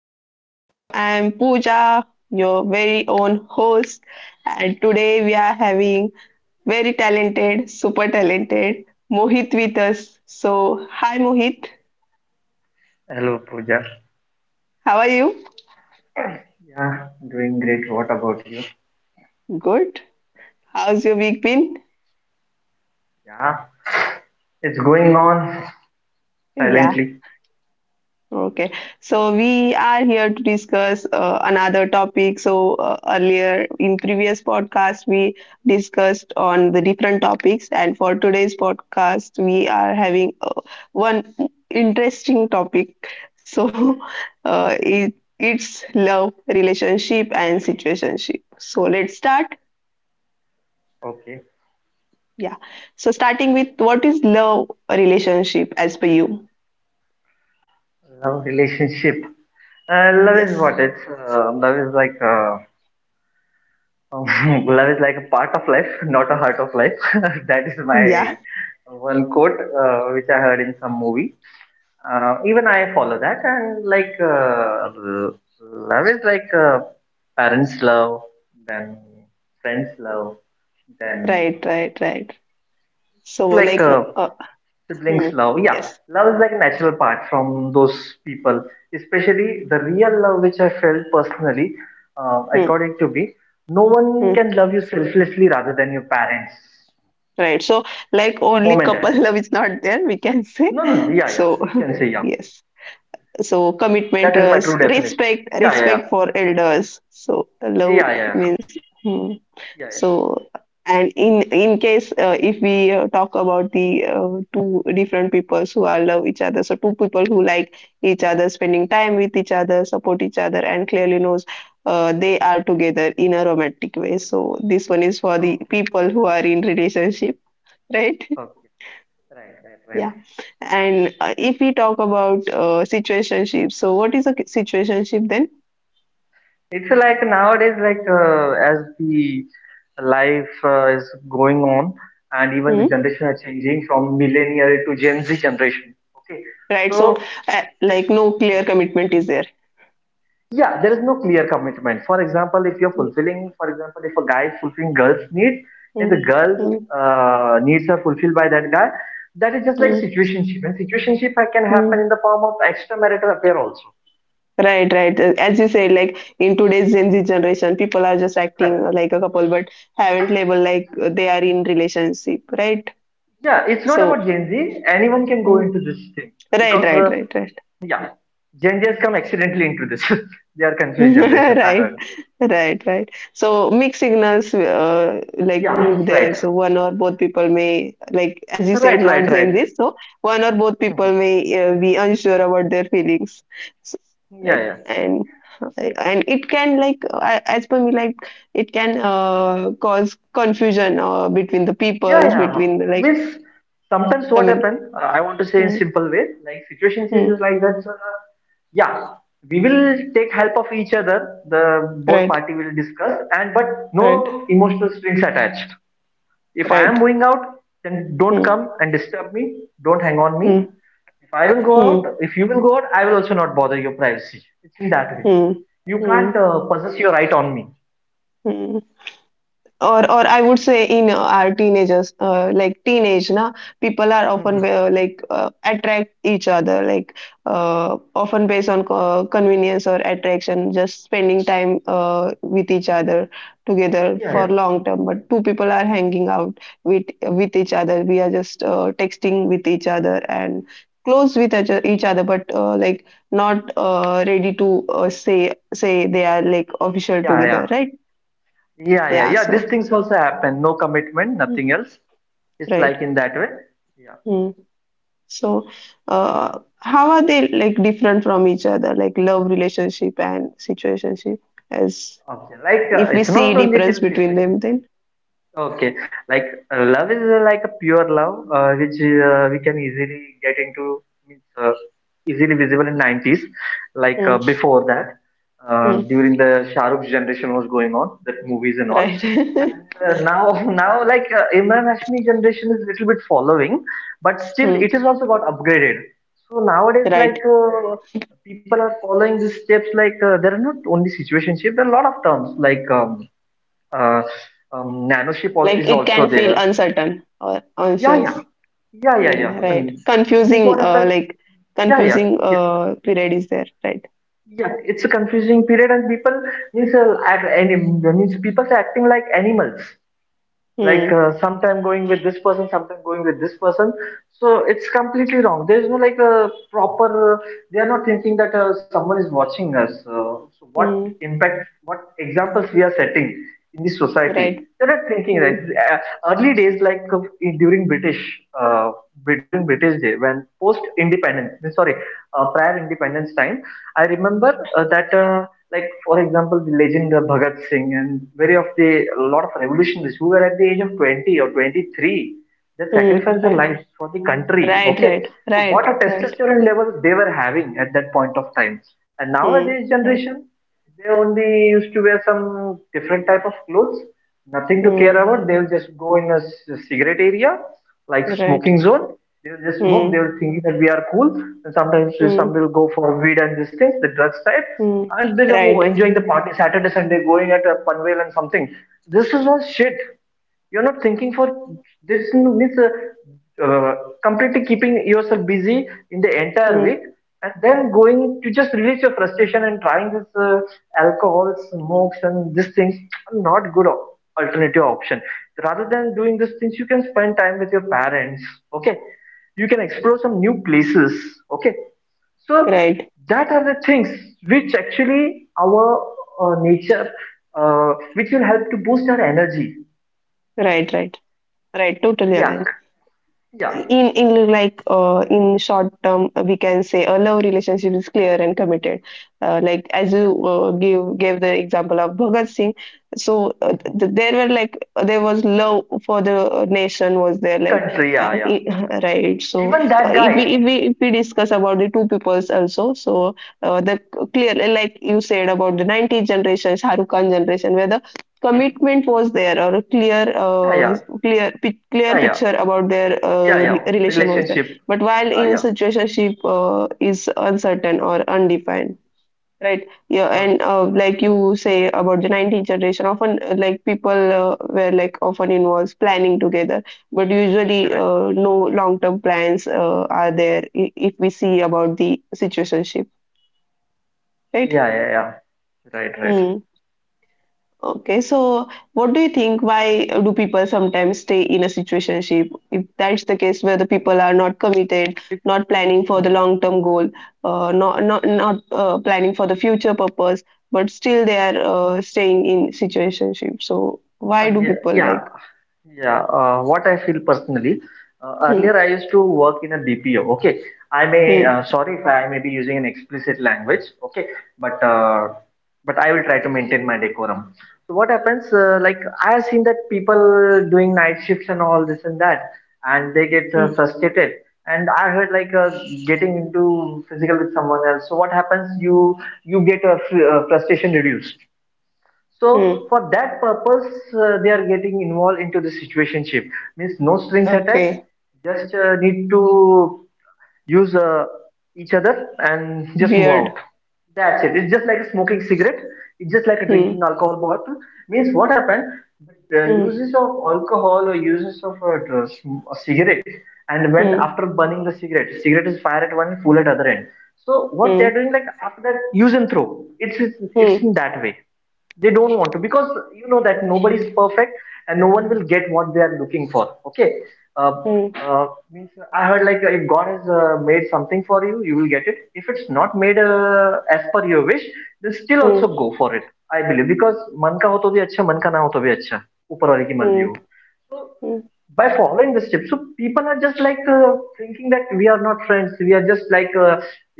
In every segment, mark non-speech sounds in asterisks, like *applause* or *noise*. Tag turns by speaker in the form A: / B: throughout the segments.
A: everyone. I'm Pooja, your very own host, and today we are having very talented, super talented Mohit with us. So, hi, Mohit.
B: Hello, Pooja.
A: How are you?
B: Yeah, doing great. What about you?
A: Good. How's your week been?
B: Yeah, it's going on
A: Yeah.
B: silently.
A: Okay, so we are here to discuss another topic. Earlier in previous podcast we discussed on the different topics, and for today's podcast we are having one interesting topic. So *laughs* uh, it
B: Hmm.
A: it's love, relationship, and situationship. So let's start.
B: Okay.
A: Yeah. So starting with what is love relationship as per you?
B: Love relationship. Love is
A: Yes.
B: what? It's Love is like *laughs* love is like a part of life, not a heart of life. *laughs* That is my
A: Yeah. *laughs*
B: one quote which I heard in some movie. Even I follow that, and like love is like parents' love, then friends' love, then
A: Right. Right. Right. So,
B: like
A: like, uh,
B: siblings
A: Hmm.
B: love. Yeah,
A: Yes.
B: love is like a natural part from those people, especially the real love which I felt personally.
A: Hmm.
B: According to me, no one
A: Hmm.
B: can love you selflessly rather than your parents,
A: Right. So, like,
B: mom
A: only
B: and
A: couple
B: dad.
A: love is not there, we can say.
B: No, no, no. Yeah, yeah,
A: So,
B: we can say.
A: *laughs*
B: Yeah,
A: yes. So, commitment,
B: that is my true
A: trust,
B: definition.
A: respect,
B: yeah, yeah,
A: respect for elders. So,
B: yeah,
A: love
B: yeah, yeah, yeah,
A: means. Hmm.
B: yeah. Yeah.
A: So, and in case if we talk about the two different peoples who are love each other, so two people who like each other, spending time with each other, support each other, and clearly knows they are together in a romantic way. So this one is for the
B: Okay,
A: people who are in relationship, right? *laughs*
B: okay. Right, right, right.
A: Yeah. And if we talk about situationship, so what is a situationship then?
B: It's like nowadays, like as the life is going on, and even the
A: Hmm?
B: generation are changing from millennial to Gen Z generation. Okay,
A: Right.
B: so
A: Like no clear commitment is there.
B: yeah, there is no clear commitment. For example, if you're
A: Hmm,
B: fulfilling, for example, if a guy is fulfilling girls' needs, if the
A: hmm,
B: girls'
A: hmm,
B: needs are fulfilled by that guy, that is just like a
A: hmm.
B: situationship. And situationship can happen in
A: Mm.
B: the form of extramarital affair also.
A: Right, right. As you said, like in today's Gen Z generation, people are just acting
B: Right.
A: like a couple, but haven't labeled like they are in relationship, right?
B: Yeah, it's not
A: So,
B: about Gen Z. Anyone can go
A: mm.
B: into this thing
A: Right,
B: because
A: right, right, right.
B: yeah, Gen Zs come accidentally into this. *laughs* They are
A: *laughs*
B: confused generation, I
A: Right,
B: heard.
A: right, right. So mixed signals like will
B: Yeah,
A: be there.
B: right.
A: So one or both people may like, as you said,
B: Right, right,
A: not saying
B: right.
A: this. So one or both people may be unsure about their feelings, so,
B: Yeah,
A: right?
B: yeah.
A: And it can like as per me like it can cause confusion between the
B: Yeah,
A: peoples
B: yeah.
A: between the like
B: Means sometimes what
A: community.
B: happen, I want to say in
A: Hmm,
B: simple way, like situations is
A: hmm.
B: like that. Yeah, we will take help of each other. The both
A: Right,
B: party will discuss, and but no
A: right,
B: emotional strings attached. If I am
A: right.
B: going out, then don't
A: Hmm,
B: come and disturb me. Don't hang on me.
A: hmm,
B: If I will go out,
A: hmm,
B: if you will go out, I will also not bother your privacy. It's in that way.
A: hmm,
B: You
A: hmm,
B: can't possess your right on me.
A: hmm. Or I would say in our teenagers like teenage na people are often like attract each other like often based on convenience or attraction just spending time with each other together
B: Yeah,
A: for
B: yeah,
A: long term but two people are hanging out with each other we are just texting with each other and close with each other but like not ready to say they are like official
B: yeah, yeah,
A: together, right?
B: yeah, yeah,
A: Yeah.
B: yeah. These
A: So
B: things also happen. No commitment,
A: mm.
B: nothing else. It's
A: Right.
B: like in that way. Yeah.
A: Mm. So, how are they like different from each other, like love relationship and situationship? As
B: Okay. Like
A: if we
B: it's not
A: see
B: only till
A: difference between
B: situation.
A: them, then
B: Okay, like love is like a pure love, which we can easily get into, means, easily visible in 90s. Like
A: mm.
B: before that,
A: Mm.
B: during the Shah Rukh's generation was going on, that movies and all.
A: Right, *laughs*
B: Now, *laughs* now like Imran Hashmi generation is little bit following, but still
A: mm.
B: it is also got upgraded. So nowadays, like
A: Right.
B: people are following these steps. Like there are not only situationship, there are a lot of terms like. Uh, Nanoship
A: Like
B: is
A: it
B: also
A: can feel
B: there.
A: uncertain or anxious,
B: Yeah, yeah, yeah.
A: mm. Right?
B: And this is
A: Confusing,
B: what happens.
A: like
B: Yeah, yeah,
A: confusing
B: yeah,
A: period is there, right?
B: yeah. It's a confusing period, and people means act, and means people are acting like animals. Like
A: Mm.
B: sometime going with this person, sometime going with this person, so it's completely wrong. There is no like a proper they are not thinking that someone is watching us. So what
A: Mm.
B: impact, what examples we are setting in this society,
A: Right.
B: they're not thinking that
A: Mm.
B: uh, early days, like during uh, during british day, when post independence, sorry, prior independence time, I remember that like for example, the legend of Bhagat Singh and very of the a lot of revolutionaries who were at the age of 20 or 23, they
A: Mm.
B: sacrificed their
A: Right.
B: lives for the country.
A: Right.
B: Okay,
A: Right.
B: so
A: Right.
B: what a
A: Right.
B: testosterone levels they were having at that point of time. And
A: Mm.
B: nowadays
A: Right.
B: generation, they only used to wear some different type of clothes, nothing to care
A: Mm.
B: about. They'll just go in a cigarette area, like
A: Right.
B: smoking zone. They'll just smoke.
A: Mm.
B: They'll thinking that we are cool. And sometimes
A: Hmm.
B: some will go for weed and these things, the drugs type,
A: Hmm.
B: and they are
A: Right.
B: enjoying the party Saturday, Sunday, going at a Panvel and something. This is all shit. You're not thinking for this. Means completely keeping yourself busy in the entire
A: Hmm.
B: week and then going to just release your frustration and trying this alcohol smokes and these things are not good alternative option. Rather than doing these things, you can spend time with your parents. Okay, you can explore some new places. Okay, so
A: Right.
B: that are the things which actually our nature, which will help to boost our energy.
A: Right. Right. Right. Totally
B: Yeah,
A: aligned.
B: yeah,
A: In like in short term, we can say a love relationship is clear and committed. Like as
B: yeah.
A: you gave the example of Bhagat Singh, so there were like there was love for the nation was there like
B: Country. Yeah.
A: *laughs* right. So
B: Even that
A: uh, if we
B: guy.
A: if we if we discuss about the two peoples also, so the clear like you said about the 90s generation, Shahrukh Khan generation, where the commitment was there or a clear clear picture about their
B: Yeah, yeah.
A: relation was there,
B: Relationship.
A: but while in situationship is uncertain or undefined, right? Yeah.
B: Uh,
A: And like you say about the 19th generation often like people were like often involves planning together but usually
B: right.
A: no long term plans are there if we see about the situationship, right?
B: Yeah, yeah, yeah. Right,
A: Hmm. Okay, so what do you think? Why do people sometimes stay in a situationship? If that's the case where the people are not committed, not planning for the
B: right.
A: long-term goal, not planning for the future purpose, but still they are staying in situationship. So why do
B: Yeah,
A: people
B: yeah,
A: like?
B: yeah. What I feel personally,
A: Hmm,
B: earlier I used to work in a BPO. Okay, I may
A: hmm,
B: sorry if I may be using an explicit language. Okay, but uh, but I will try to maintain my decorum. So what happens? Like I have seen that people doing night shifts and all this and that, and they get
A: hmm,
B: frustrated. And I heard like getting into physical with someone else. So what happens? You get a frustration reduced. So
A: hmm.
B: for that purpose, they are getting involved into the situationship, means no strings attached,
A: Okay,
B: just need to use each other and *laughs* just move
A: weird.
B: out, that's it. It's just like smoking cigarette, it's just like
A: Hmm,
B: drinking alcohol bottle, means what happened. The
A: hmm,
B: uses of alcohol or uses of drugs, a cigarette, and when
A: hmm,
B: after burning the cigarette, cigarette is fire at one end, full at other end. So what they're
A: hmm,
B: doing, like after that, use and throw. It's
A: hmm,
B: in that way. They don't want to, because you know that nobody is perfect and no one will get what they are looking for. Okay, uh,
A: hmm,
B: means I heard like if god has made something for you, you will get it. If it's not made as per your wish, then still also
A: hmm,
B: go for it, I believe, because मन का हो तो भी अच्छा, मन का ना हो तो भी अच्छा, ऊपर वाले की मर्जी
A: hmm,
B: हो,
A: hmm.
B: by following the steps. So people are just like thinking that we are not friends, we are just like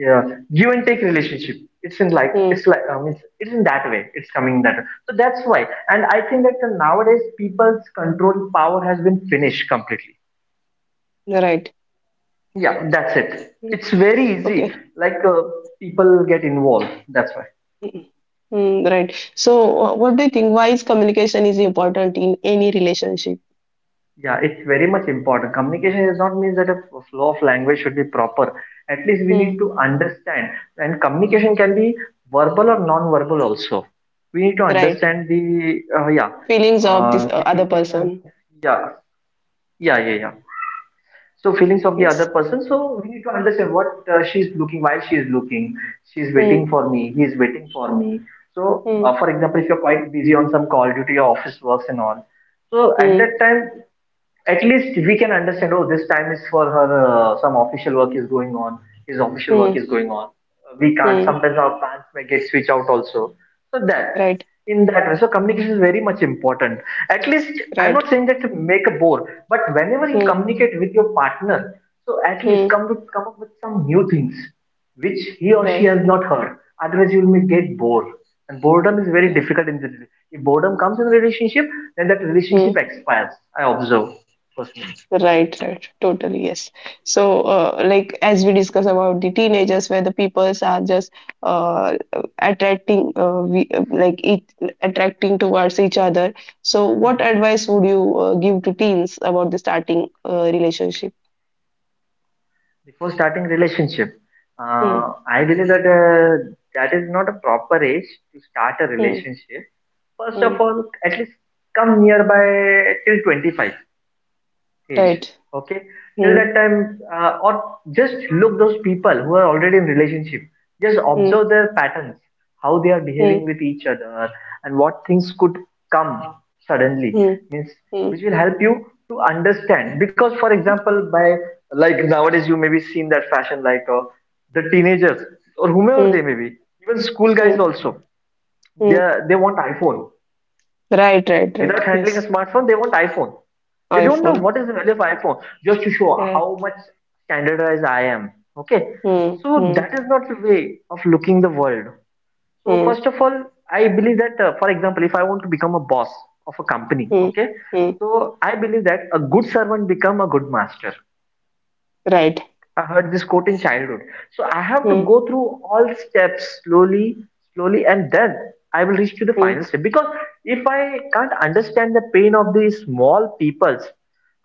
B: yeah, give and take relationship. It's in like it's
A: Hmm.
B: like it's in that way. It's coming that way. So that's why, and I think that nowadays people's control power has been finished completely.
A: Right.
B: Yeah, that's it.
A: Hmm.
B: It's very easy,
A: Okay.
B: like people get involved, that's why.
A: Mm, mm, right. So, what do you think? Why is communication is important in any relationship?
B: Yeah, it's very much important. Communication does not mean that a flow of language should be proper. At least we need
A: Mm,
B: to understand. And communication can be verbal or non-verbal also. We need to
A: right.
B: understand the yeah.
A: Feelings
B: Uh,
A: of
B: we
A: this
B: can un-
A: other
B: yeah,
A: person.
B: yeah, yeah, yeah. So feelings of the other
A: Mm,
B: person.
A: yes.
B: So we need to understand what she is looking, why she is looking. She is waiting for
A: Mm,
B: me. He is waiting for me. So,
A: mm,
B: for example, if you're quite busy on some call due to your office works and all, so at
A: mm,
B: that time, at least we can understand. Oh, this time is for her. Some official work is going on. His official work is
A: mm,
B: going on. We can't.
A: mm,
B: Sometimes our plans may get switched out also. So that
A: right.
B: in that way, so communication is very much important. At least I'm
A: Right.
B: not saying that to make a bore, but whenever you
A: Mm,
B: communicate with your partner, so at least
A: mm,
B: come with come up with some new things which he or she
A: right.
B: has not heard. Otherwise, you will get bored. And boredom is very
A: Right.
B: difficult in the relationship. If boredom comes in the relationship, then that relationship
A: Mm.
B: expires. I observe personally.
A: Right, right, totally, yes. So, like as we discuss about the teenagers, where the peoples are just uh, attracting, we, like each, attracting towards each other. So, what
B: Hmm.
A: advice would you give to teens about the starting relationship?
B: Before starting relationship,
A: Hmm,
B: uh, I believe that that is not a proper age to start a
A: hmm,
B: relationship. First
A: hmm,
B: of all, at least come nearby till 25 stage.
A: right.
B: Okay, till
A: Hmm,
B: that time or just look those people who are already in relationship, just
A: hmm,
B: observe their patterns, how they are behaving
A: hmm,
B: with each other and what things could come suddenly,
A: hmm,
B: means which
A: hmm,
B: will help you to understand. Because for example, by like nowadays you may be seen that fashion, like the teenagers or whomever
A: hmm,
B: they may be, even school guys
A: hmm,
B: also,
A: hmm.
B: they want iPhone.
A: Right, right, right.
B: Without handling a
A: Yes,
B: smartphone, they want iPhone. They don't know
A: iPhone.
B: what is the value of iPhone, just to show how
A: Right.
B: much standardized I am. Okay,
A: Hmm,
B: so
A: hmm,
B: that is not the way of looking the world. So
A: hmm,
B: first of all, I believe that for example, if I want to become a boss of a company,
A: hmm,
B: okay,
A: hmm.
B: so I believe that a good servant become a good master.
A: Right.
B: I heard this quote in childhood. So I have to
A: Hmm.
B: go through all steps slowly, slowly, and then I will reach to the final
A: Hmm.
B: step. Because if I can't understand the pain of these small peoples,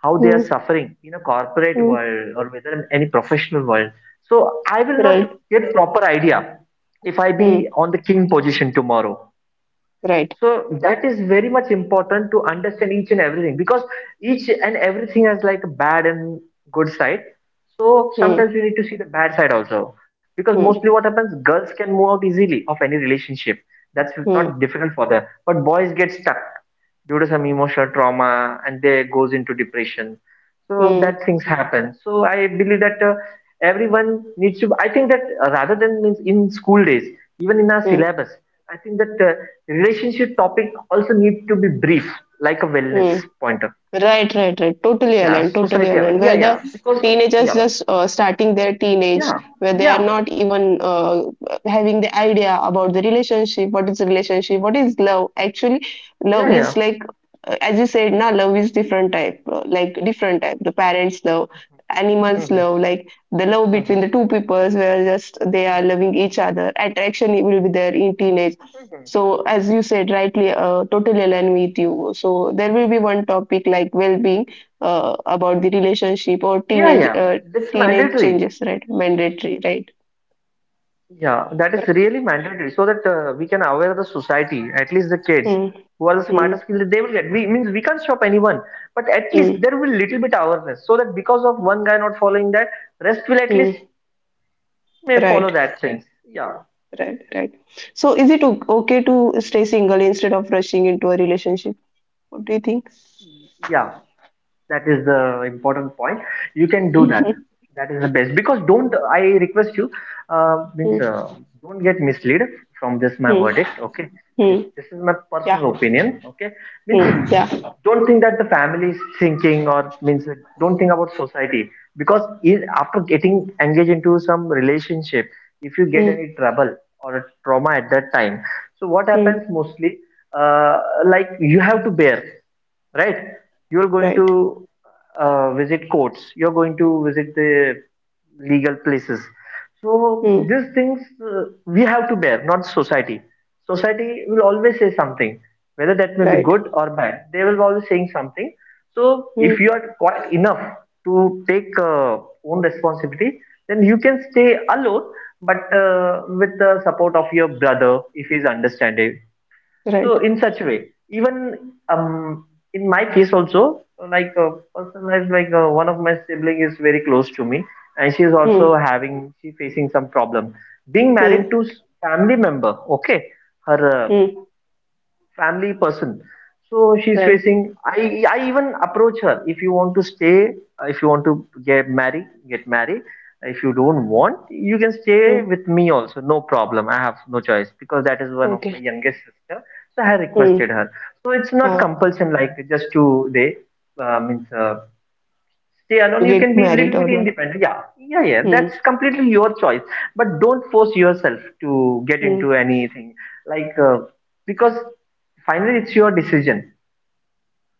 B: how they are
A: hmm
B: suffering in a corporate
A: hmm
B: world or whether in any professional world, so I will not
A: right
B: get proper idea if I
A: hmm
B: be on the king position tomorrow.
A: right
B: So that is very much important to understand each and everything, because each and everything has like a bad and good side. So
A: hmm
B: sometimes we need to see the bad side also, because mostly
A: hmm
B: what happens, girls can move out easily of any relationship, that's
A: hmm
B: not difficult for them, but boys get stuck due to some emotional trauma and they goes into depression. So
A: hmm
B: that things happen. So I believe that everyone needs to, I think that rather than, means in school days, even in our syllabus, I think that Relationship topic also need to be brief, like a wellness
A: hmm
B: pointer.
A: Right, right, right. Totally
B: Yeah,
A: aligned, totally
B: society.
A: aligned.
B: Awareness. Yeah,
A: Where the
B: yeah. Because
A: teenagers
B: yeah,
A: just starting their
B: yeah,
A: teenage, where they are
B: yeah,
A: not even having the idea about the relationship, what is love. Actually,
B: yeah,
A: love
B: yeah.
A: is like, as you said, now love is different type, like different type. The parents love, animals
B: Hmm,
A: love, like the love
B: hmm,
A: between the two peoples, where just they are
B: hmm.
A: loving each other. Attraction will be there in teenage. So, as you said rightly, totally align with you. So, there will be one topic like well-being about the relationship or
B: Yeah,
A: teenage
B: yeah. That's
A: teenage
B: mandatory.
A: changes, right? Mandatory, right?
B: Yeah, that is really mandatory, so that we can aware the society, at least the kids
A: Hmm,
B: who are the
A: hmm,
B: smartest people, they will get. We means we can't stop anyone, but at least
A: hmm,
B: there will little bit awareness, so that because of one guy not following that, rest will at least
A: hmm.
B: may follow
A: Right,
B: that thing. Yeah,
A: right, right. So, is it okay to stay single instead of rushing into a relationship? What do you think?
B: yeah, that is the important point, you can do that,
A: *laughs*
B: that is the best. Because don't, I request you, means
A: Hmm,
B: don't get misled from this, my
A: hmm,
B: verdict. Okay,
A: hmm.
B: this is my
A: Yeah,
B: personal opinion. Okay, means
A: hmm, yeah,
B: don't think that the family is thinking or means, don't think about society, because after getting engaged into some relationship, if you get any
A: hmm,
B: trouble or trauma at that time, so what happens
A: hmm.
B: mostly, uh, like you have to bear, right? You're going
A: Right,
B: to visit courts, you're going to visit the legal places. So
A: hmm,
B: these things we have to bear, not society. Society will always say something, whether that may be
A: right,
B: good or bad, they will always saying something. So if you
A: hmm,
B: are quite enough to take own responsibility, then you can stay alone, but with the support of your brother if he's understanding. So
A: right,
B: in such way, even in my case also, like a person has, like, one of my sibling is very close to me, and she is also
A: hmm,
B: having, she facing some problem being married
A: hmm,
B: to family member. Okay, her
A: hmm,
B: family person. So she's
A: right.
B: facing. I even approach her. If you want to stay, if you want to get married, get married. If you don't want, you can stay
A: Hmm.
B: with me also. No problem. I have no choice, because that is one of my
A: Okay.
B: youngest sister. So I requested
A: Hmm.
B: her. So it's not
A: Ah,
B: compulsion, like just to they, means, stay
A: to
B: alone, you can
A: get
B: be a little
A: married
B: bit
A: or not.
B: independent. Yeah, yeah, yeah, that's
A: Hmm.
B: completely your choice, but don't force yourself to get
A: Hmm.
B: into anything, like, because finally it's your decision.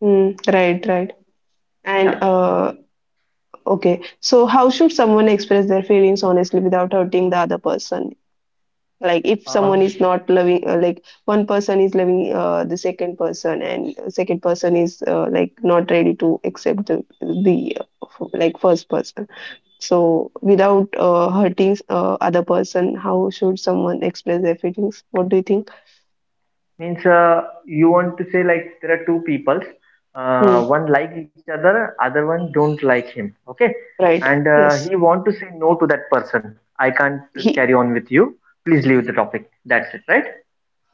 A: Hmm. Right, right. And
B: Yeah,
A: okay. So, how should someone express their feelings honestly without hurting the other person? Like, if someone
B: um,
A: is not loving, like one person is loving the second person, and second person is like not ready to accept the like first person. So, without hurting other person, how should someone express their feelings? What do you think?
B: means, you want to say like there are two peoples,
A: Hmm.
B: one like each other, other one don't like him. Okay,
A: Right.
B: and
A: Yes.
B: he want to say no to that person, I can't carry
A: He
B: on with you, please leave the topic, that's it, right?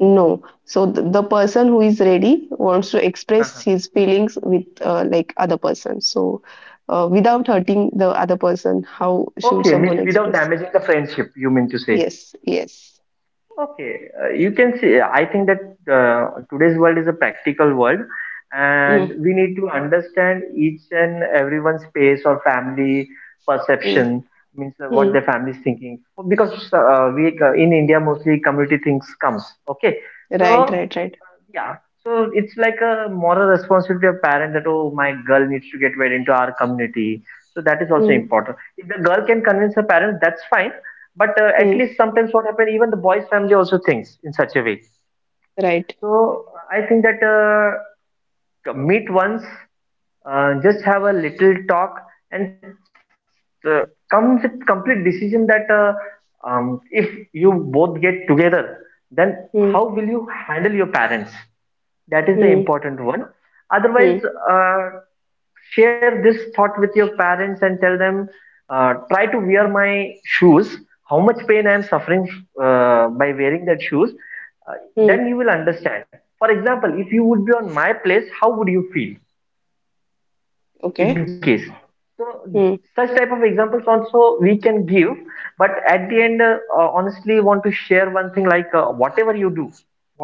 A: No. So the person who is ready wants to express
B: uh
A: his feelings with like other person. So without hurting the other person, how should
B: Okay,
A: someone
B: means without
A: express?
B: damaging the friendship, you mean to say.
A: Yes, yes.
B: Okay, you can see. Yeah, I think that today's world is a practical world, and
A: Mm,
B: we need to understand each and everyone's space or family
A: mm,
B: perception, means what
A: mm.
B: their family is thinking. Because we in India mostly community things comes. Okay,
A: Right,
B: so
A: right, right.
B: yeah. So it's like a moral responsibility of parent that oh my girl needs to get well into our community. So that is also
A: Mm,
B: important. If the girl can convince her parents, that's fine. But at
A: mm,
B: least sometimes what happens, even the boy's family also thinks in such a way.
A: right.
B: So I think that meet once, just have a little talk, and uh, come with complete decision that, if you both get together, then
A: Mm,
B: how will you handle your parents? That is the
A: mm,
B: important one. Otherwise,
A: mm,
B: uh, share this thought with your parents and tell them, try to wear my shoes. How much pain I am suffering by wearing that shoes. Uh, then
A: mm.
B: you will understand. For example, if you would be on my place, how would you feel, in
A: Okay.
B: case? So
A: Mm,
B: such type of examples also we can give, but at the end, honestly want to share one thing, like, whatever you do,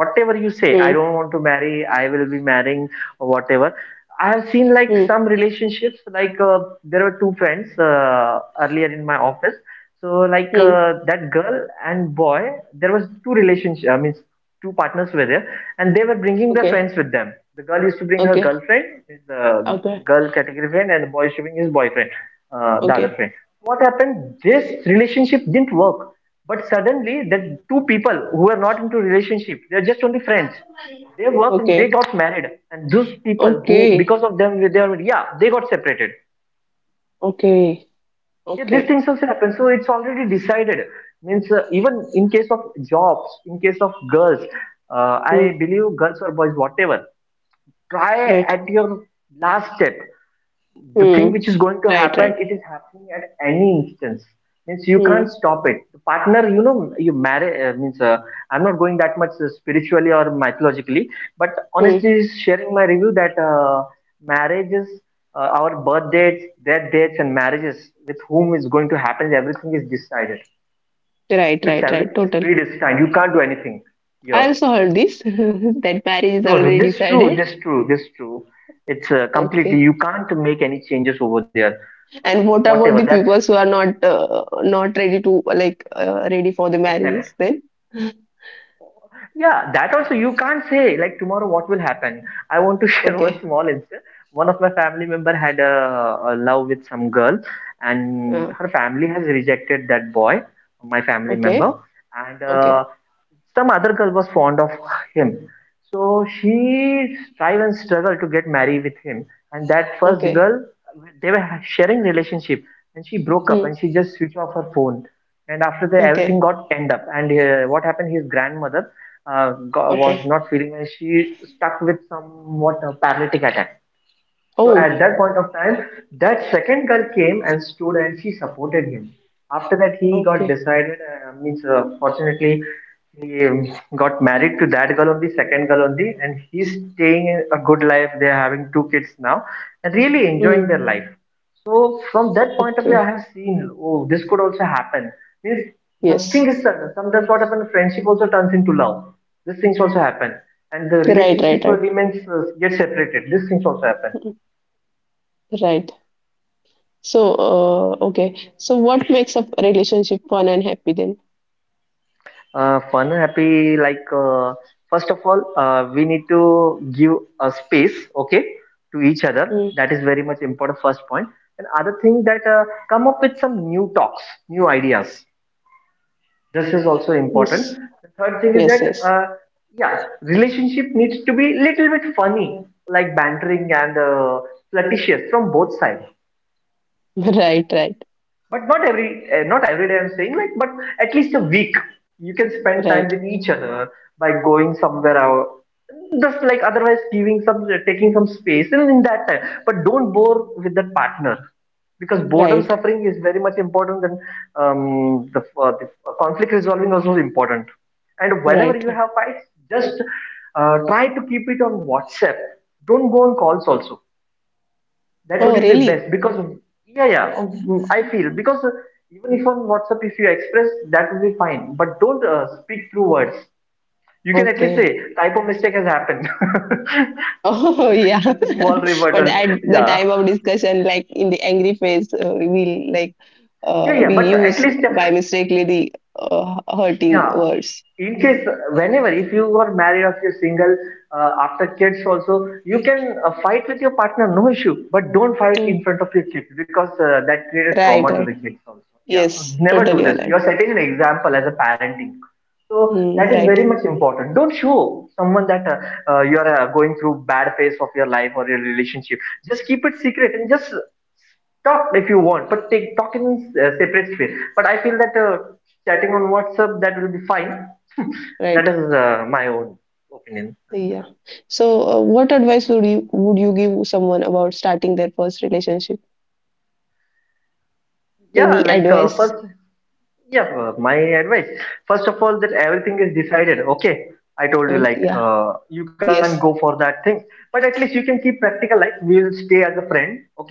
B: whatever you say,
A: mm,
B: I don't want to marry, I will be marrying, or whatever. I have seen, like,
A: mm,
B: some relationships, like, there were two friends earlier in my office. So like,
A: mm.
B: that girl and boy, there was two relationship, I mean two partners were there, and they were bringing their
A: Okay.
B: friends with them. The girl used to bring her
A: Okay.
B: girlfriend, the
A: Okay.
B: girl category friend, and the boy used to bring his boyfriend, the other
A: Okay.
B: friend. What happened? This relationship didn't work, but suddenly the two people who were not into relationship, they're just only friends. They worked, they
A: Okay.
B: got married, and those people who,
A: Okay.
B: because of them, they were, yeah, they got separated.
A: Okay.
B: Yeah, these
A: Okay.
B: things also happen. So it's already decided. Means, even in case of jobs, in case of girls, I
A: Mm,
B: believe girls or boys, whatever, try
A: right.
B: at your last step. The thing
A: Mm,
B: which is going to
A: right,
B: happen,
A: right.
B: it is happening at any instance, means you
A: Hmm.
B: can't stop it. The partner, you know, you marry, means, I'm not going that much spiritually or mythologically, but
A: Hmm.
B: honestly sharing my review that marriages, our birth dates, death dates and marriages with whom is going to happen, everything is decided,
A: Right,
B: it's
A: right, right.
B: everything is
A: Totally.
B: predestined, you can't do anything here.
A: I also heard this *laughs* that marriage is
B: No, no,
A: already
B: this is true,
A: decided.
B: this is true, this is true. It's completely,
A: Okay.
B: you can't make any changes over there. Uh,
A: And what
B: Whatever,
A: about the
B: that's
A: people who are not ready to like ready for the
B: accept.
A: marriages then? *laughs*
B: Yeah, that also you can't say, like tomorrow what will happen. I want to *laughs* share one
A: Okay.
B: small incident. One of my family member had a love with some girl, and
A: Uh,
B: her family has rejected that boy, my family
A: okay.
B: member. And
A: Okay.
B: some other girl was fond of him. So she strive and struggle to get married with him. And that first
A: Okay.
B: girl, they were sharing relationship, and she broke up
A: Hmm.
B: and she just switched off her phone. And after that, everything
A: Okay.
B: got end up. And what happened? His grandmother was
A: Okay.
B: not feeling, and she stuck with somewhat a paralytic attack. So
A: Oh.
B: at that point of time, that second girl came and stood, and she supported him. After that, he got
A: Okay.
B: decided. Means, fortunately, he got married to that girl only, second girl only, and he's staying a good life. They're having two kids now and really enjoying
A: Hmm.
B: their life. So from that point of view, I
A: Okay.
B: have seen, oh, this could also happen. Means nothing
A: Yes.
B: is certain. Sometimes what happens, friendship also turns into love. These things also happen, and the
A: Right. Right.
B: relationship
A: Right.
B: remains, get separated. These things also happen.
A: Mm, right. So. Okay. So what makes a relationship fun and happy then?
B: Fun, happy, like, first of all, we need to give a space, okay, to each other.
A: Hmm.
B: That is very much important, first point. And other thing that come up with some new talks, new ideas. This is also important.
A: Yes.
B: The third thing is
A: Yes.
B: that,
A: Yes.
B: yeah, relationship needs to be little bit funny, like bantering and flirtatious from both sides.
A: Right, right,
B: But not every, not every day I'm saying, like, but at least a week you can spend time
A: right,
B: with each other by going somewhere out, just like. Otherwise giving some, taking some space, and in that time, but don't bore with that partner, because boredom
A: right,
B: suffering is very much important than the conflict resolving also is important. And whenever
A: right.
B: you
A: Right.
B: have fights, just try to keep it on whatsapp, don't go on calls also, that
A: Oh,
B: would be
A: really?
B: best, because yeah, yeah, I feel, because even if on WhatsApp, if you express, that will be fine. But don't speak through words. You can at least
A: Okay.
B: say typo mistake has happened. *laughs*
A: Oh, *laughs* yeah.
B: Just a small
A: *laughs* But
B: rebuttal.
A: at the
B: Yeah,
A: time of discussion, like in the angry phase, uh, we like
B: yeah,
A: uh,
B: yeah.
A: we
B: But at
A: use
B: least,
A: by mistakenly the hurting
B: yeah,
A: words.
B: in case, whenever if you are married or if you're single, after kids also you can fight with your partner, no issue, but don't fight in
A: Hmm.
B: front of your kids, because that created
A: Right,
B: trauma to the
A: right.
B: kids also. Yeah,
A: Yes,
B: never do
A: totally
B: this,
A: aligned.
B: you're setting an example as a parenting, so
A: Hmm.
B: that is
A: Right,
B: very much important. Don't show someone that, you are going through bad phase of your life or your relationship, just keep it secret, and just talk if you want, but take talk in separate space. But I feel that chatting on WhatsApp, that will be fine. That
A: right.
B: is my own opinion.
A: Yeah. So, what advice would you give someone about starting their first relationship?
B: Yeah,
A: Any
B: like
A: advice?
B: first, yeah, my advice. First of all, that everything is decided. Okay, I told you
A: Oh,
B: like
A: yeah.
B: you can't go
A: Yes.
B: for that thing, but at least you can keep practical. Like, we'll stay as a friend. Okay,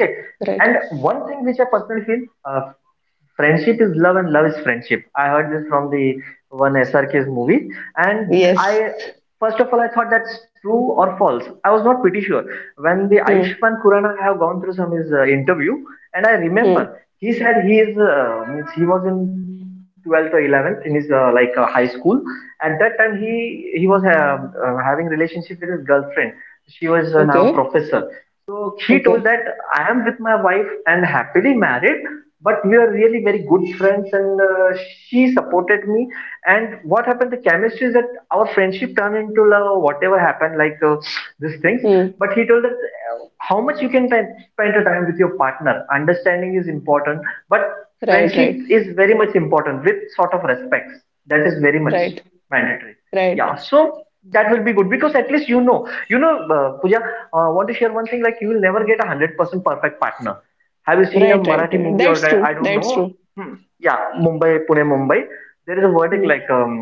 B: and
A: Right.
B: one thing which I personally feel, friendship is love and love is friendship. I heard this from the one SRK's movie, and
A: Yes.
B: I first of all I thought that's true or false. I was not pretty sure. When the
A: Hmm.
B: Ayushman Kurana have gone through some his interview, and I remember
A: Hmm.
B: he said he is means he was in 12th or 11th in his like high school. At that time he was having relationship with his girlfriend. She was now
A: Okay.
B: professor. So he told
A: Okay.
B: that I am with my wife and happily married, but we are really very good friends, and she supported me. And what happened? The chemistry is that our friendship turned into love. Whatever happened, like these things.
A: Hmm.
B: But he told that how much you can spend your time with your partner. Understanding is important, but
A: Right.
B: friendship
A: Right.
B: is very much important, with sort of respects. That is very much
A: Right.
B: mandatory.
A: Right.
B: Yeah, so that will be good, because at least Puja, I want to share one thing. Like, you will never get a 100% perfect partner. Have you seen a
A: Right. Right.
B: Marathi
A: Right.
B: movie? Or
A: That's
B: I
A: true.
B: don't
A: That's
B: know.
A: true.
B: Yeah, Mumbai Pune Mumbai. There is a verdict like
A: Hmm.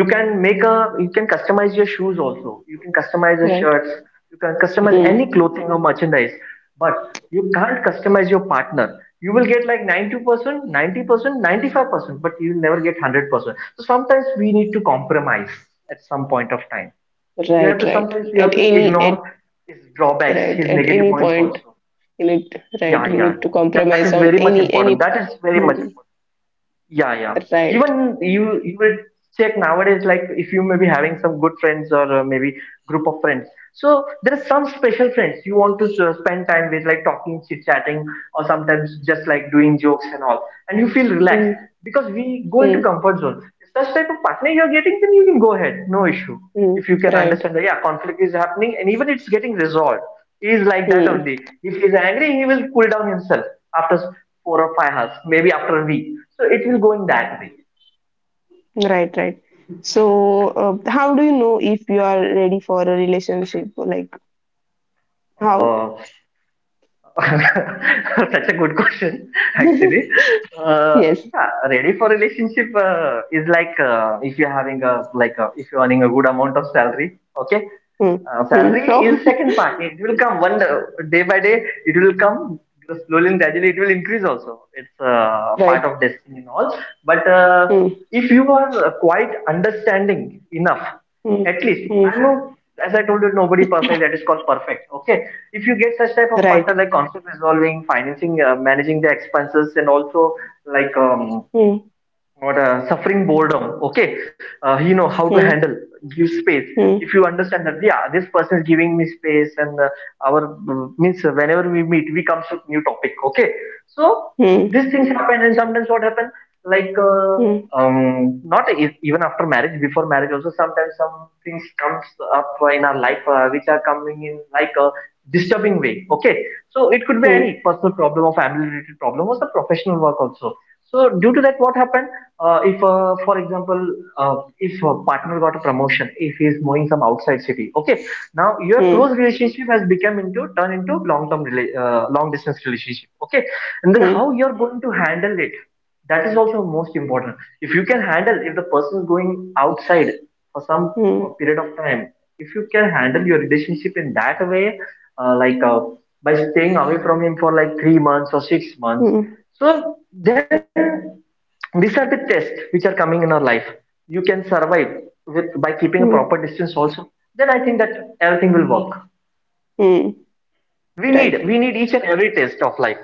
B: you can make a, you can customize your shoes also, you can customize your
A: Right.
B: shirts, you can customize
A: Hmm.
B: any clothing or merchandise, but you can't customize your partner. You will get like 92%, 90%, 95%, but you will never get 100%. So sometimes we need to compromise. At some point of time, we have
A: Right.
B: to,
A: Right.
B: sometimes we
A: At
B: have to
A: any at
B: ignore his drawbacks,
A: right
B: his
A: at
B: negative
A: any
B: points
A: point
B: also.
A: in it.
B: Yeah,
A: Right.
B: yeah,
A: We need to
B: that is very
A: compromise
B: much
A: on
B: important.
A: any
B: That is
A: any.
B: very much important.
A: Hmm.
B: Yeah, yeah.
A: Right.
B: Even you will check nowadays, like if you may be having some good friends or maybe group of friends. So there are some special friends you want to spend time with, like talking, chit chatting, or sometimes just like doing jokes and all, and you feel relaxed
A: Hmm.
B: because we go into
A: Hmm.
B: comfort zone. Such type of partner you are getting, then you can go ahead, no issue.
A: Hmm.
B: If you can
A: Right.
B: understand that, yeah, conflict is happening, and even it's getting resolved. He is like that
A: Hmm.
B: only. If he is angry, he will cool down himself after 4 or 5 hours, maybe after a week. So it will go in that way.
A: Right. Right. So, how do you know if you are ready for a relationship? Like how?
B: Uh, *laughs* such a good question, *laughs*
A: *laughs*
B: actually. Uh,
A: Yes.
B: yeah, ready for relationship is like if you're having a like if you're earning a good amount of salary, okay.
A: Hmm. Hmm.
B: Salary is
A: Oh,
B: second
A: *laughs*
B: part. It will come one day by day. It will come slowly and gradually. It will increase also. It's part
A: right.
B: of destiny and all. But
A: Hmm.
B: if you are quite understanding enough,
A: Hmm.
B: at least
A: Hmm.
B: I know. As I told you, nobody perfect. That is called perfect. Okay. If you get such type of
A: Right.
B: partner, like conflict resolving, financing, managing the expenses, and also like
A: Hmm.
B: or suffering boredom, okay, you know how to
A: Hmm.
B: handle, give space. If
A: Hmm.
B: you understand that, yeah, this person is giving me space, and our means whenever we meet, we comes with new topic. Okay, so
A: Hmm.
B: these things happen. And sometimes what happen, like
A: Hmm.
B: not even after marriage, before marriage also, sometimes some things comes up in our life, which are coming in like a disturbing way. Okay, so it could be
A: Hmm.
B: any personal problem or family related problem or some professional work also. So due to that, what happened, if for example, if a partner got a promotion, if he is moving some outside city, okay. Now your
A: Hmm. Hmm.
B: close relationship has become into turn into long-term, rela long-distance relationship, okay. And then how you're going to handle it, that is also most important. If you can handle, if the person is going outside for some
A: Hmm.
B: period of time, if you can handle your relationship in that way, like by staying away from him for like 3 months or 6 months,
A: Hmm.
B: so then these are the tests which are coming in our life. You can survive with by keeping a
A: Hmm.
B: proper distance also. Then I think that everything will work.
A: Hmm.
B: we
A: Right.
B: need we need each and every test of life.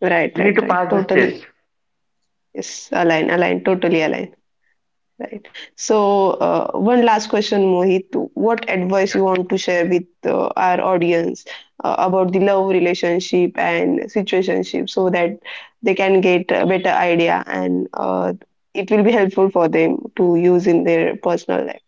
A: Right.
B: We need
A: Right.
B: to
A: Right.
B: pass this
A: Totally.
B: test.
A: Yes. Align. Align. Totally align. Right. So, one last question, Mohit. What
B: Yeah,
A: advice you want to share with our audience about the love relationship and situationship so that they can get a better idea and it will be helpful for them to use in their personal life?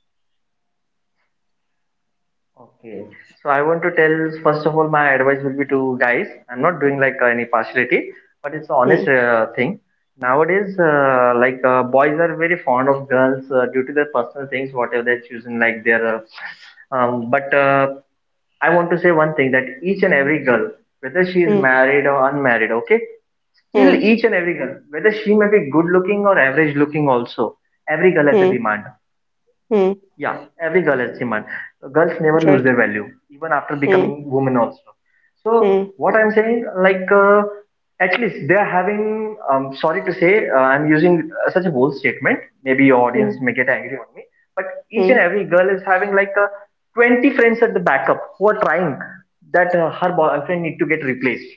B: okay. So I want to tell, first of all, my advice will be to guys, I'm not doing like any partiality, but it's an honest
A: Hmm.
B: thing. Nowadays like boys are very fond of girls due to their personal things, whatever they're choosing, like their but I want to say one thing, that each and every girl, whether she is
A: Hmm.
B: married or unmarried, okay, still
A: Hmm.
B: each and every girl, whether she may be good looking or average looking also, every girl has a
A: Hmm.
B: demand.
A: Hmm.
B: Yeah, every girl has demand. Girls never lose
A: Right.
B: their value, even after
A: Hmm.
B: becoming women also. So
A: Hmm.
B: what I'm saying, like at least they are having. Sorry to say, I'm using such a bold statement. Maybe your audience
A: Hmm.
B: may get angry on me, but each and
A: Hmm.
B: every girl is having like 20 friends at the backup, who are trying that her boyfriend need to get replaced,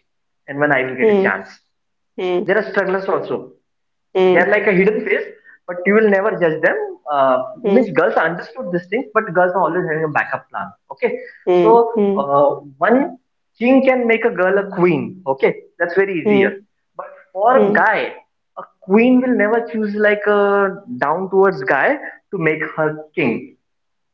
B: and when I will get a
A: Hmm.
B: chance.
A: Hmm.
B: There are strugglers also,
A: Hmm.
B: they're like a hidden face, but you will never judge them. Uh, means
A: Hmm.
B: girls understood these things, but girls are always having a backup plan. Okay,
A: Hmm.
B: so
A: Hmm.
B: one king can make a girl a queen. Okay, that's very easier.
A: Hmm.
B: But for
A: Hmm.
B: a
A: Hmm.
B: guy, a queen will never choose like a down towards guy to make her king.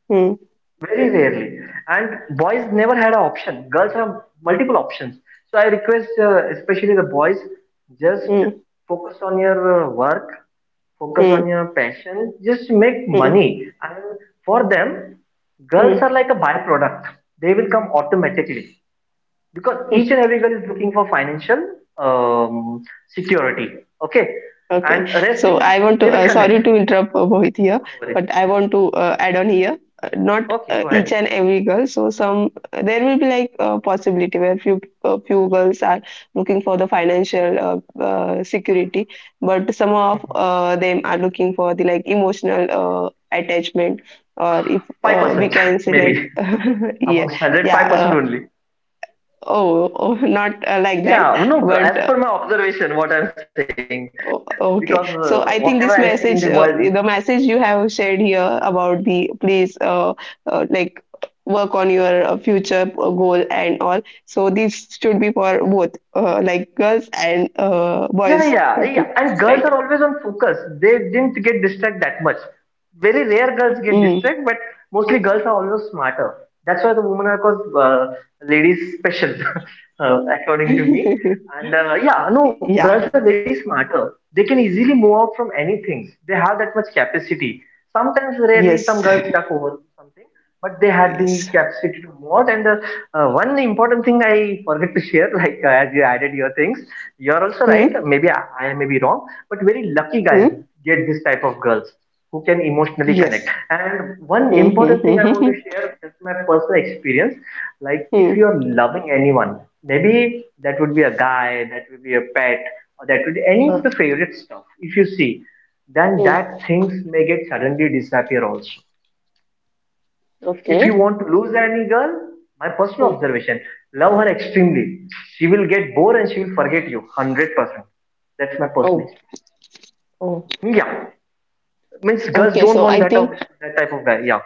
A: Hmm. Hmm.
B: Very rarely. And boys never had an option. Girls have multiple options. So I request, especially the boys, just
A: Hmm.
B: focus on your work, focus
A: Hmm.
B: on your passion, just make money. And for them, girls
A: Hmm,
B: are like a byproduct. They will come automatically, because each and
A: hmm.
B: every girl is looking for financial um, security. Okay,
A: Okay.
B: and rest
A: So
B: things
A: I want to,
B: they will
A: sorry
B: connect.
A: to interrupt Mohit here,
B: No worries.
A: but I want to add on here. Uh, not
B: Okay,
A: uh,
B: go
A: each
B: ahead.
A: and every girl. So some there will be like a possibility where few girls are looking for the financial security, but some of them are looking for the like emotional attachment, or if
B: Five
A: we
B: percent
A: can
B: *laughs*
A: say
B: maybe
A: like *laughs* yeah
B: amongst hundred,
A: yeah
B: 5% only.
A: oh, oh not like that,
B: Yeah, no.
A: but
B: As per my observation, what I'm saying, because
A: Okay,
B: whatever I
A: so
B: see
A: I
B: in the
A: think this
B: world.
A: message, the message you have shared here about the please, like work on your future goal and all. So this should be for both, like girls and
B: Yeah,
A: boys
B: yeah, yeah.
A: too,
B: And girls
A: right?
B: are always on focus. They didn't get distracted that much. Very rare girls get
A: Mm.
B: distracted, but mostly girls are always smarter. That's why the women are called ladies special, *laughs* according to me.
A: *laughs*
B: And yeah, no, girls
A: Yeah.
B: are very smarter. They can easily move out from anything. They have that much capacity. Sometimes, rarely, some
A: Yes.
B: girls stuck over something, but they had
A: Yes.
B: the capacity to move out. And one important thing I forget to share, *laughs* like as you added your things, you're also right.
A: Hmm.
B: Maybe I may be wrong, but very lucky
A: Hmm.
B: guys get this type of girls who can emotionally connect.
A: Yes.
B: And one
A: Hmm. Hmm. Hmm.
B: important thing
A: Hmm.
B: I
A: Hmm,
B: want to
A: hmm.
B: share is my personal experience. Like,
A: Hmm.
B: if you're loving anyone, maybe that would be a guy, that would be a pet, or that would be any of
A: Huh.
B: the favorite stuff, if you see, then
A: Hmm.
B: that things may get suddenly disappear also. If you
A: Okay.
B: want to lose any girl, my personal
A: Hmm.
B: observation, love her extremely, she will get bored and she will forget you 100%. That's my personal
A: Oh.
B: experience.
A: Oh.
B: Yeah, means girls
A: Okay.
B: don't
A: So
B: want
A: I
B: that of
A: think.
B: that type of guy, yeah,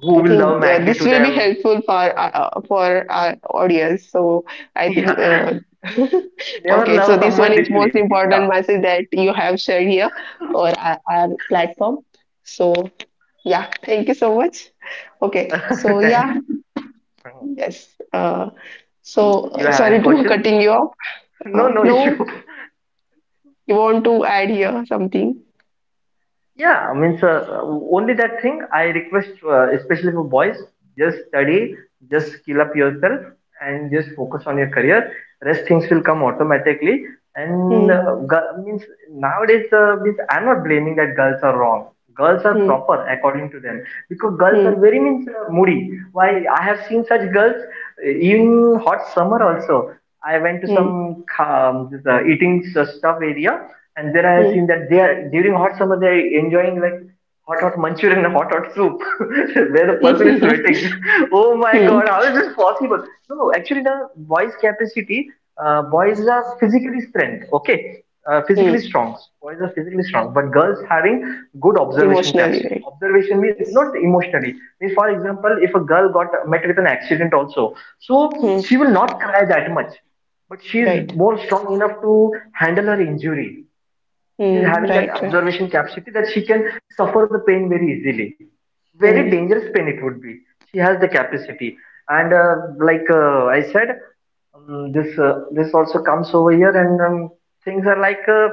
B: who
A: I
B: will love
A: think
B: madly
A: this
B: to
A: will be
B: them. *laughs*
A: helpful for our audience. So I think
B: Yeah,
A: *laughs*
B: never
A: okay.
B: love
A: So this one
B: someone
A: is most
B: deeply. Yeah,
A: important message that you have shared here or our platform. So yeah, thank you so much. Okay. So
B: *laughs* thanks.
A: yeah, yes. Uh,
B: You have any
A: sorry to
B: questions?
A: cutting you off.
B: No, no
A: No,
B: issue. *laughs*
A: you want to add here something?
B: Yeah, I mean, sir, only that thing I request, especially for boys, just study, just skill up yourself, and just focus on your career. Rest things will come automatically. And
A: Hmm.
B: means nowadays, means I'm not blaming that girls are wrong. Girls are
A: Hmm.
B: proper according to them, because girls are
A: Hmm.
B: very means moody. Why? I have seen such girls in hot summer also. I went to some
A: Hmm.
B: this, eating stuff area, and there I have
A: Hmm.
B: seen that they are, during hot summer, they are enjoying like hot hot manchurian and hot hot soup, *laughs* where the person is sweating.
A: *laughs*
B: *laughs* Oh my
A: Hmm.
B: god, how is this possible? No, actually the boys' capacity, boys are physically strength, okay,
A: Hmm.
B: physically strong. Boys are physically strong, but girls having good observation
A: Emotionally,
B: capacity.
A: right?
B: Observation means not
A: Yes.
B: emotionally. Means, for example, if a girl got met with an accident also, so
A: Hmm.
B: she will not cry that much, but she is
A: Right.
B: more strong enough to handle her injury. She's
A: Mm,
B: having that
A: right, right.
B: observation capacity that she can suffer the pain very easily. Very
A: Mm,
B: dangerous pain it would be. She has the capacity. And like I said, this this also comes over here, and things are like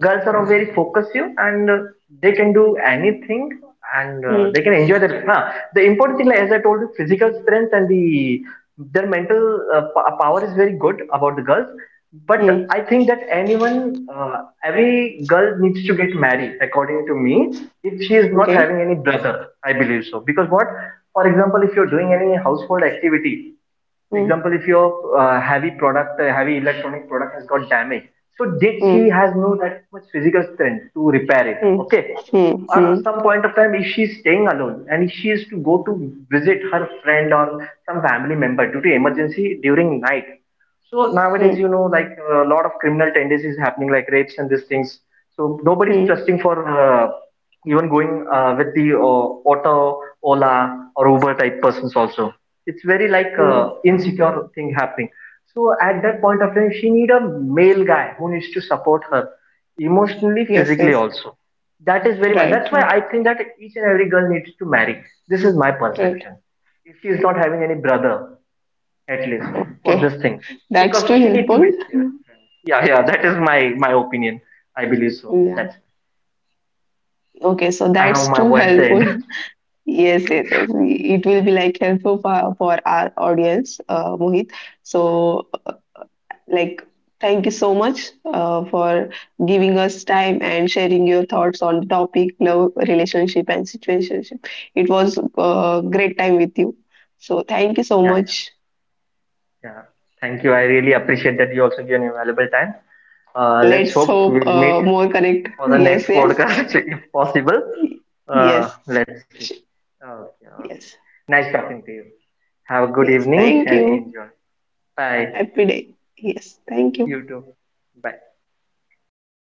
B: girls are very focused, and they can do anything, and
A: mm,
B: they can enjoy their huh. The important thing, like, as I told you, physical strength and the their mental power is very good about the girls. But
A: mm.
B: I think that anyone, every girl needs to get married, according to me, if she is not
A: Okay.
B: having any brother. I believe so. Because what, for example, if you're doing any household activity,
A: Mm,
B: example, if your heavy product, heavy electronic product has got damage, so did she
A: mm,
B: has no that much physical strength to repair it.
A: mm,
B: Okay,
A: mm,
B: at
A: mm,
B: some point of time, if she's staying alone and she is to go to visit her friend or some family member due to emergency during night, so nowadays,
A: mm,
B: you know, like a lot of criminal tendencies happening, like rapes and these things. So nobody's
A: mm,
B: trusting for even going with the auto, Ola, or Uber type persons also. It's very like
A: mm.
B: insecure thing happening. So at that point of time, she need a male guy who needs to support her emotionally,
A: Yes,
B: physically
A: yes.
B: also. That is very much. That's
A: Right,
B: why
A: right,
B: I think that each and every girl needs to marry. This is my
A: right.
B: perception. If she is not having any brother, at least for
A: Okay.
B: these things,
A: That's
B: because
A: too
B: she need to
A: helpful.
B: be serious. Yeah, yeah, that is my opinion. I believe so.
A: Yeah.
B: That's,
A: Okay, so
B: I have
A: that's
B: my
A: too
B: words end.
A: helpful. *laughs* Yes, yes, yes. It will be like helpful for our audience, Mohit. So like, thank you so much for
B: *laughs* You too.
A: giving us time and sharing your thoughts on the topic love, relationship, and situationship. It was a great time with you. So, thank you so
B: Yeah, yeah,
A: much.
B: yeah, thank you. I really appreciate that you also give your valuable time. Let's
A: Let's
B: hope
A: hope
B: we'll meet
A: more connect.
B: for the
A: Yes,
B: next
A: yes,
B: podcast. *laughs* If possible,
A: yes,
B: let's see. Okay, okay,
A: yes,
B: nice talking to you. Have a good
A: yes.
B: evening
A: Thank
B: and
A: you.
B: enjoy. Bye.
A: Happy day. Yes, thank
B: You
A: you.
B: too. Bye.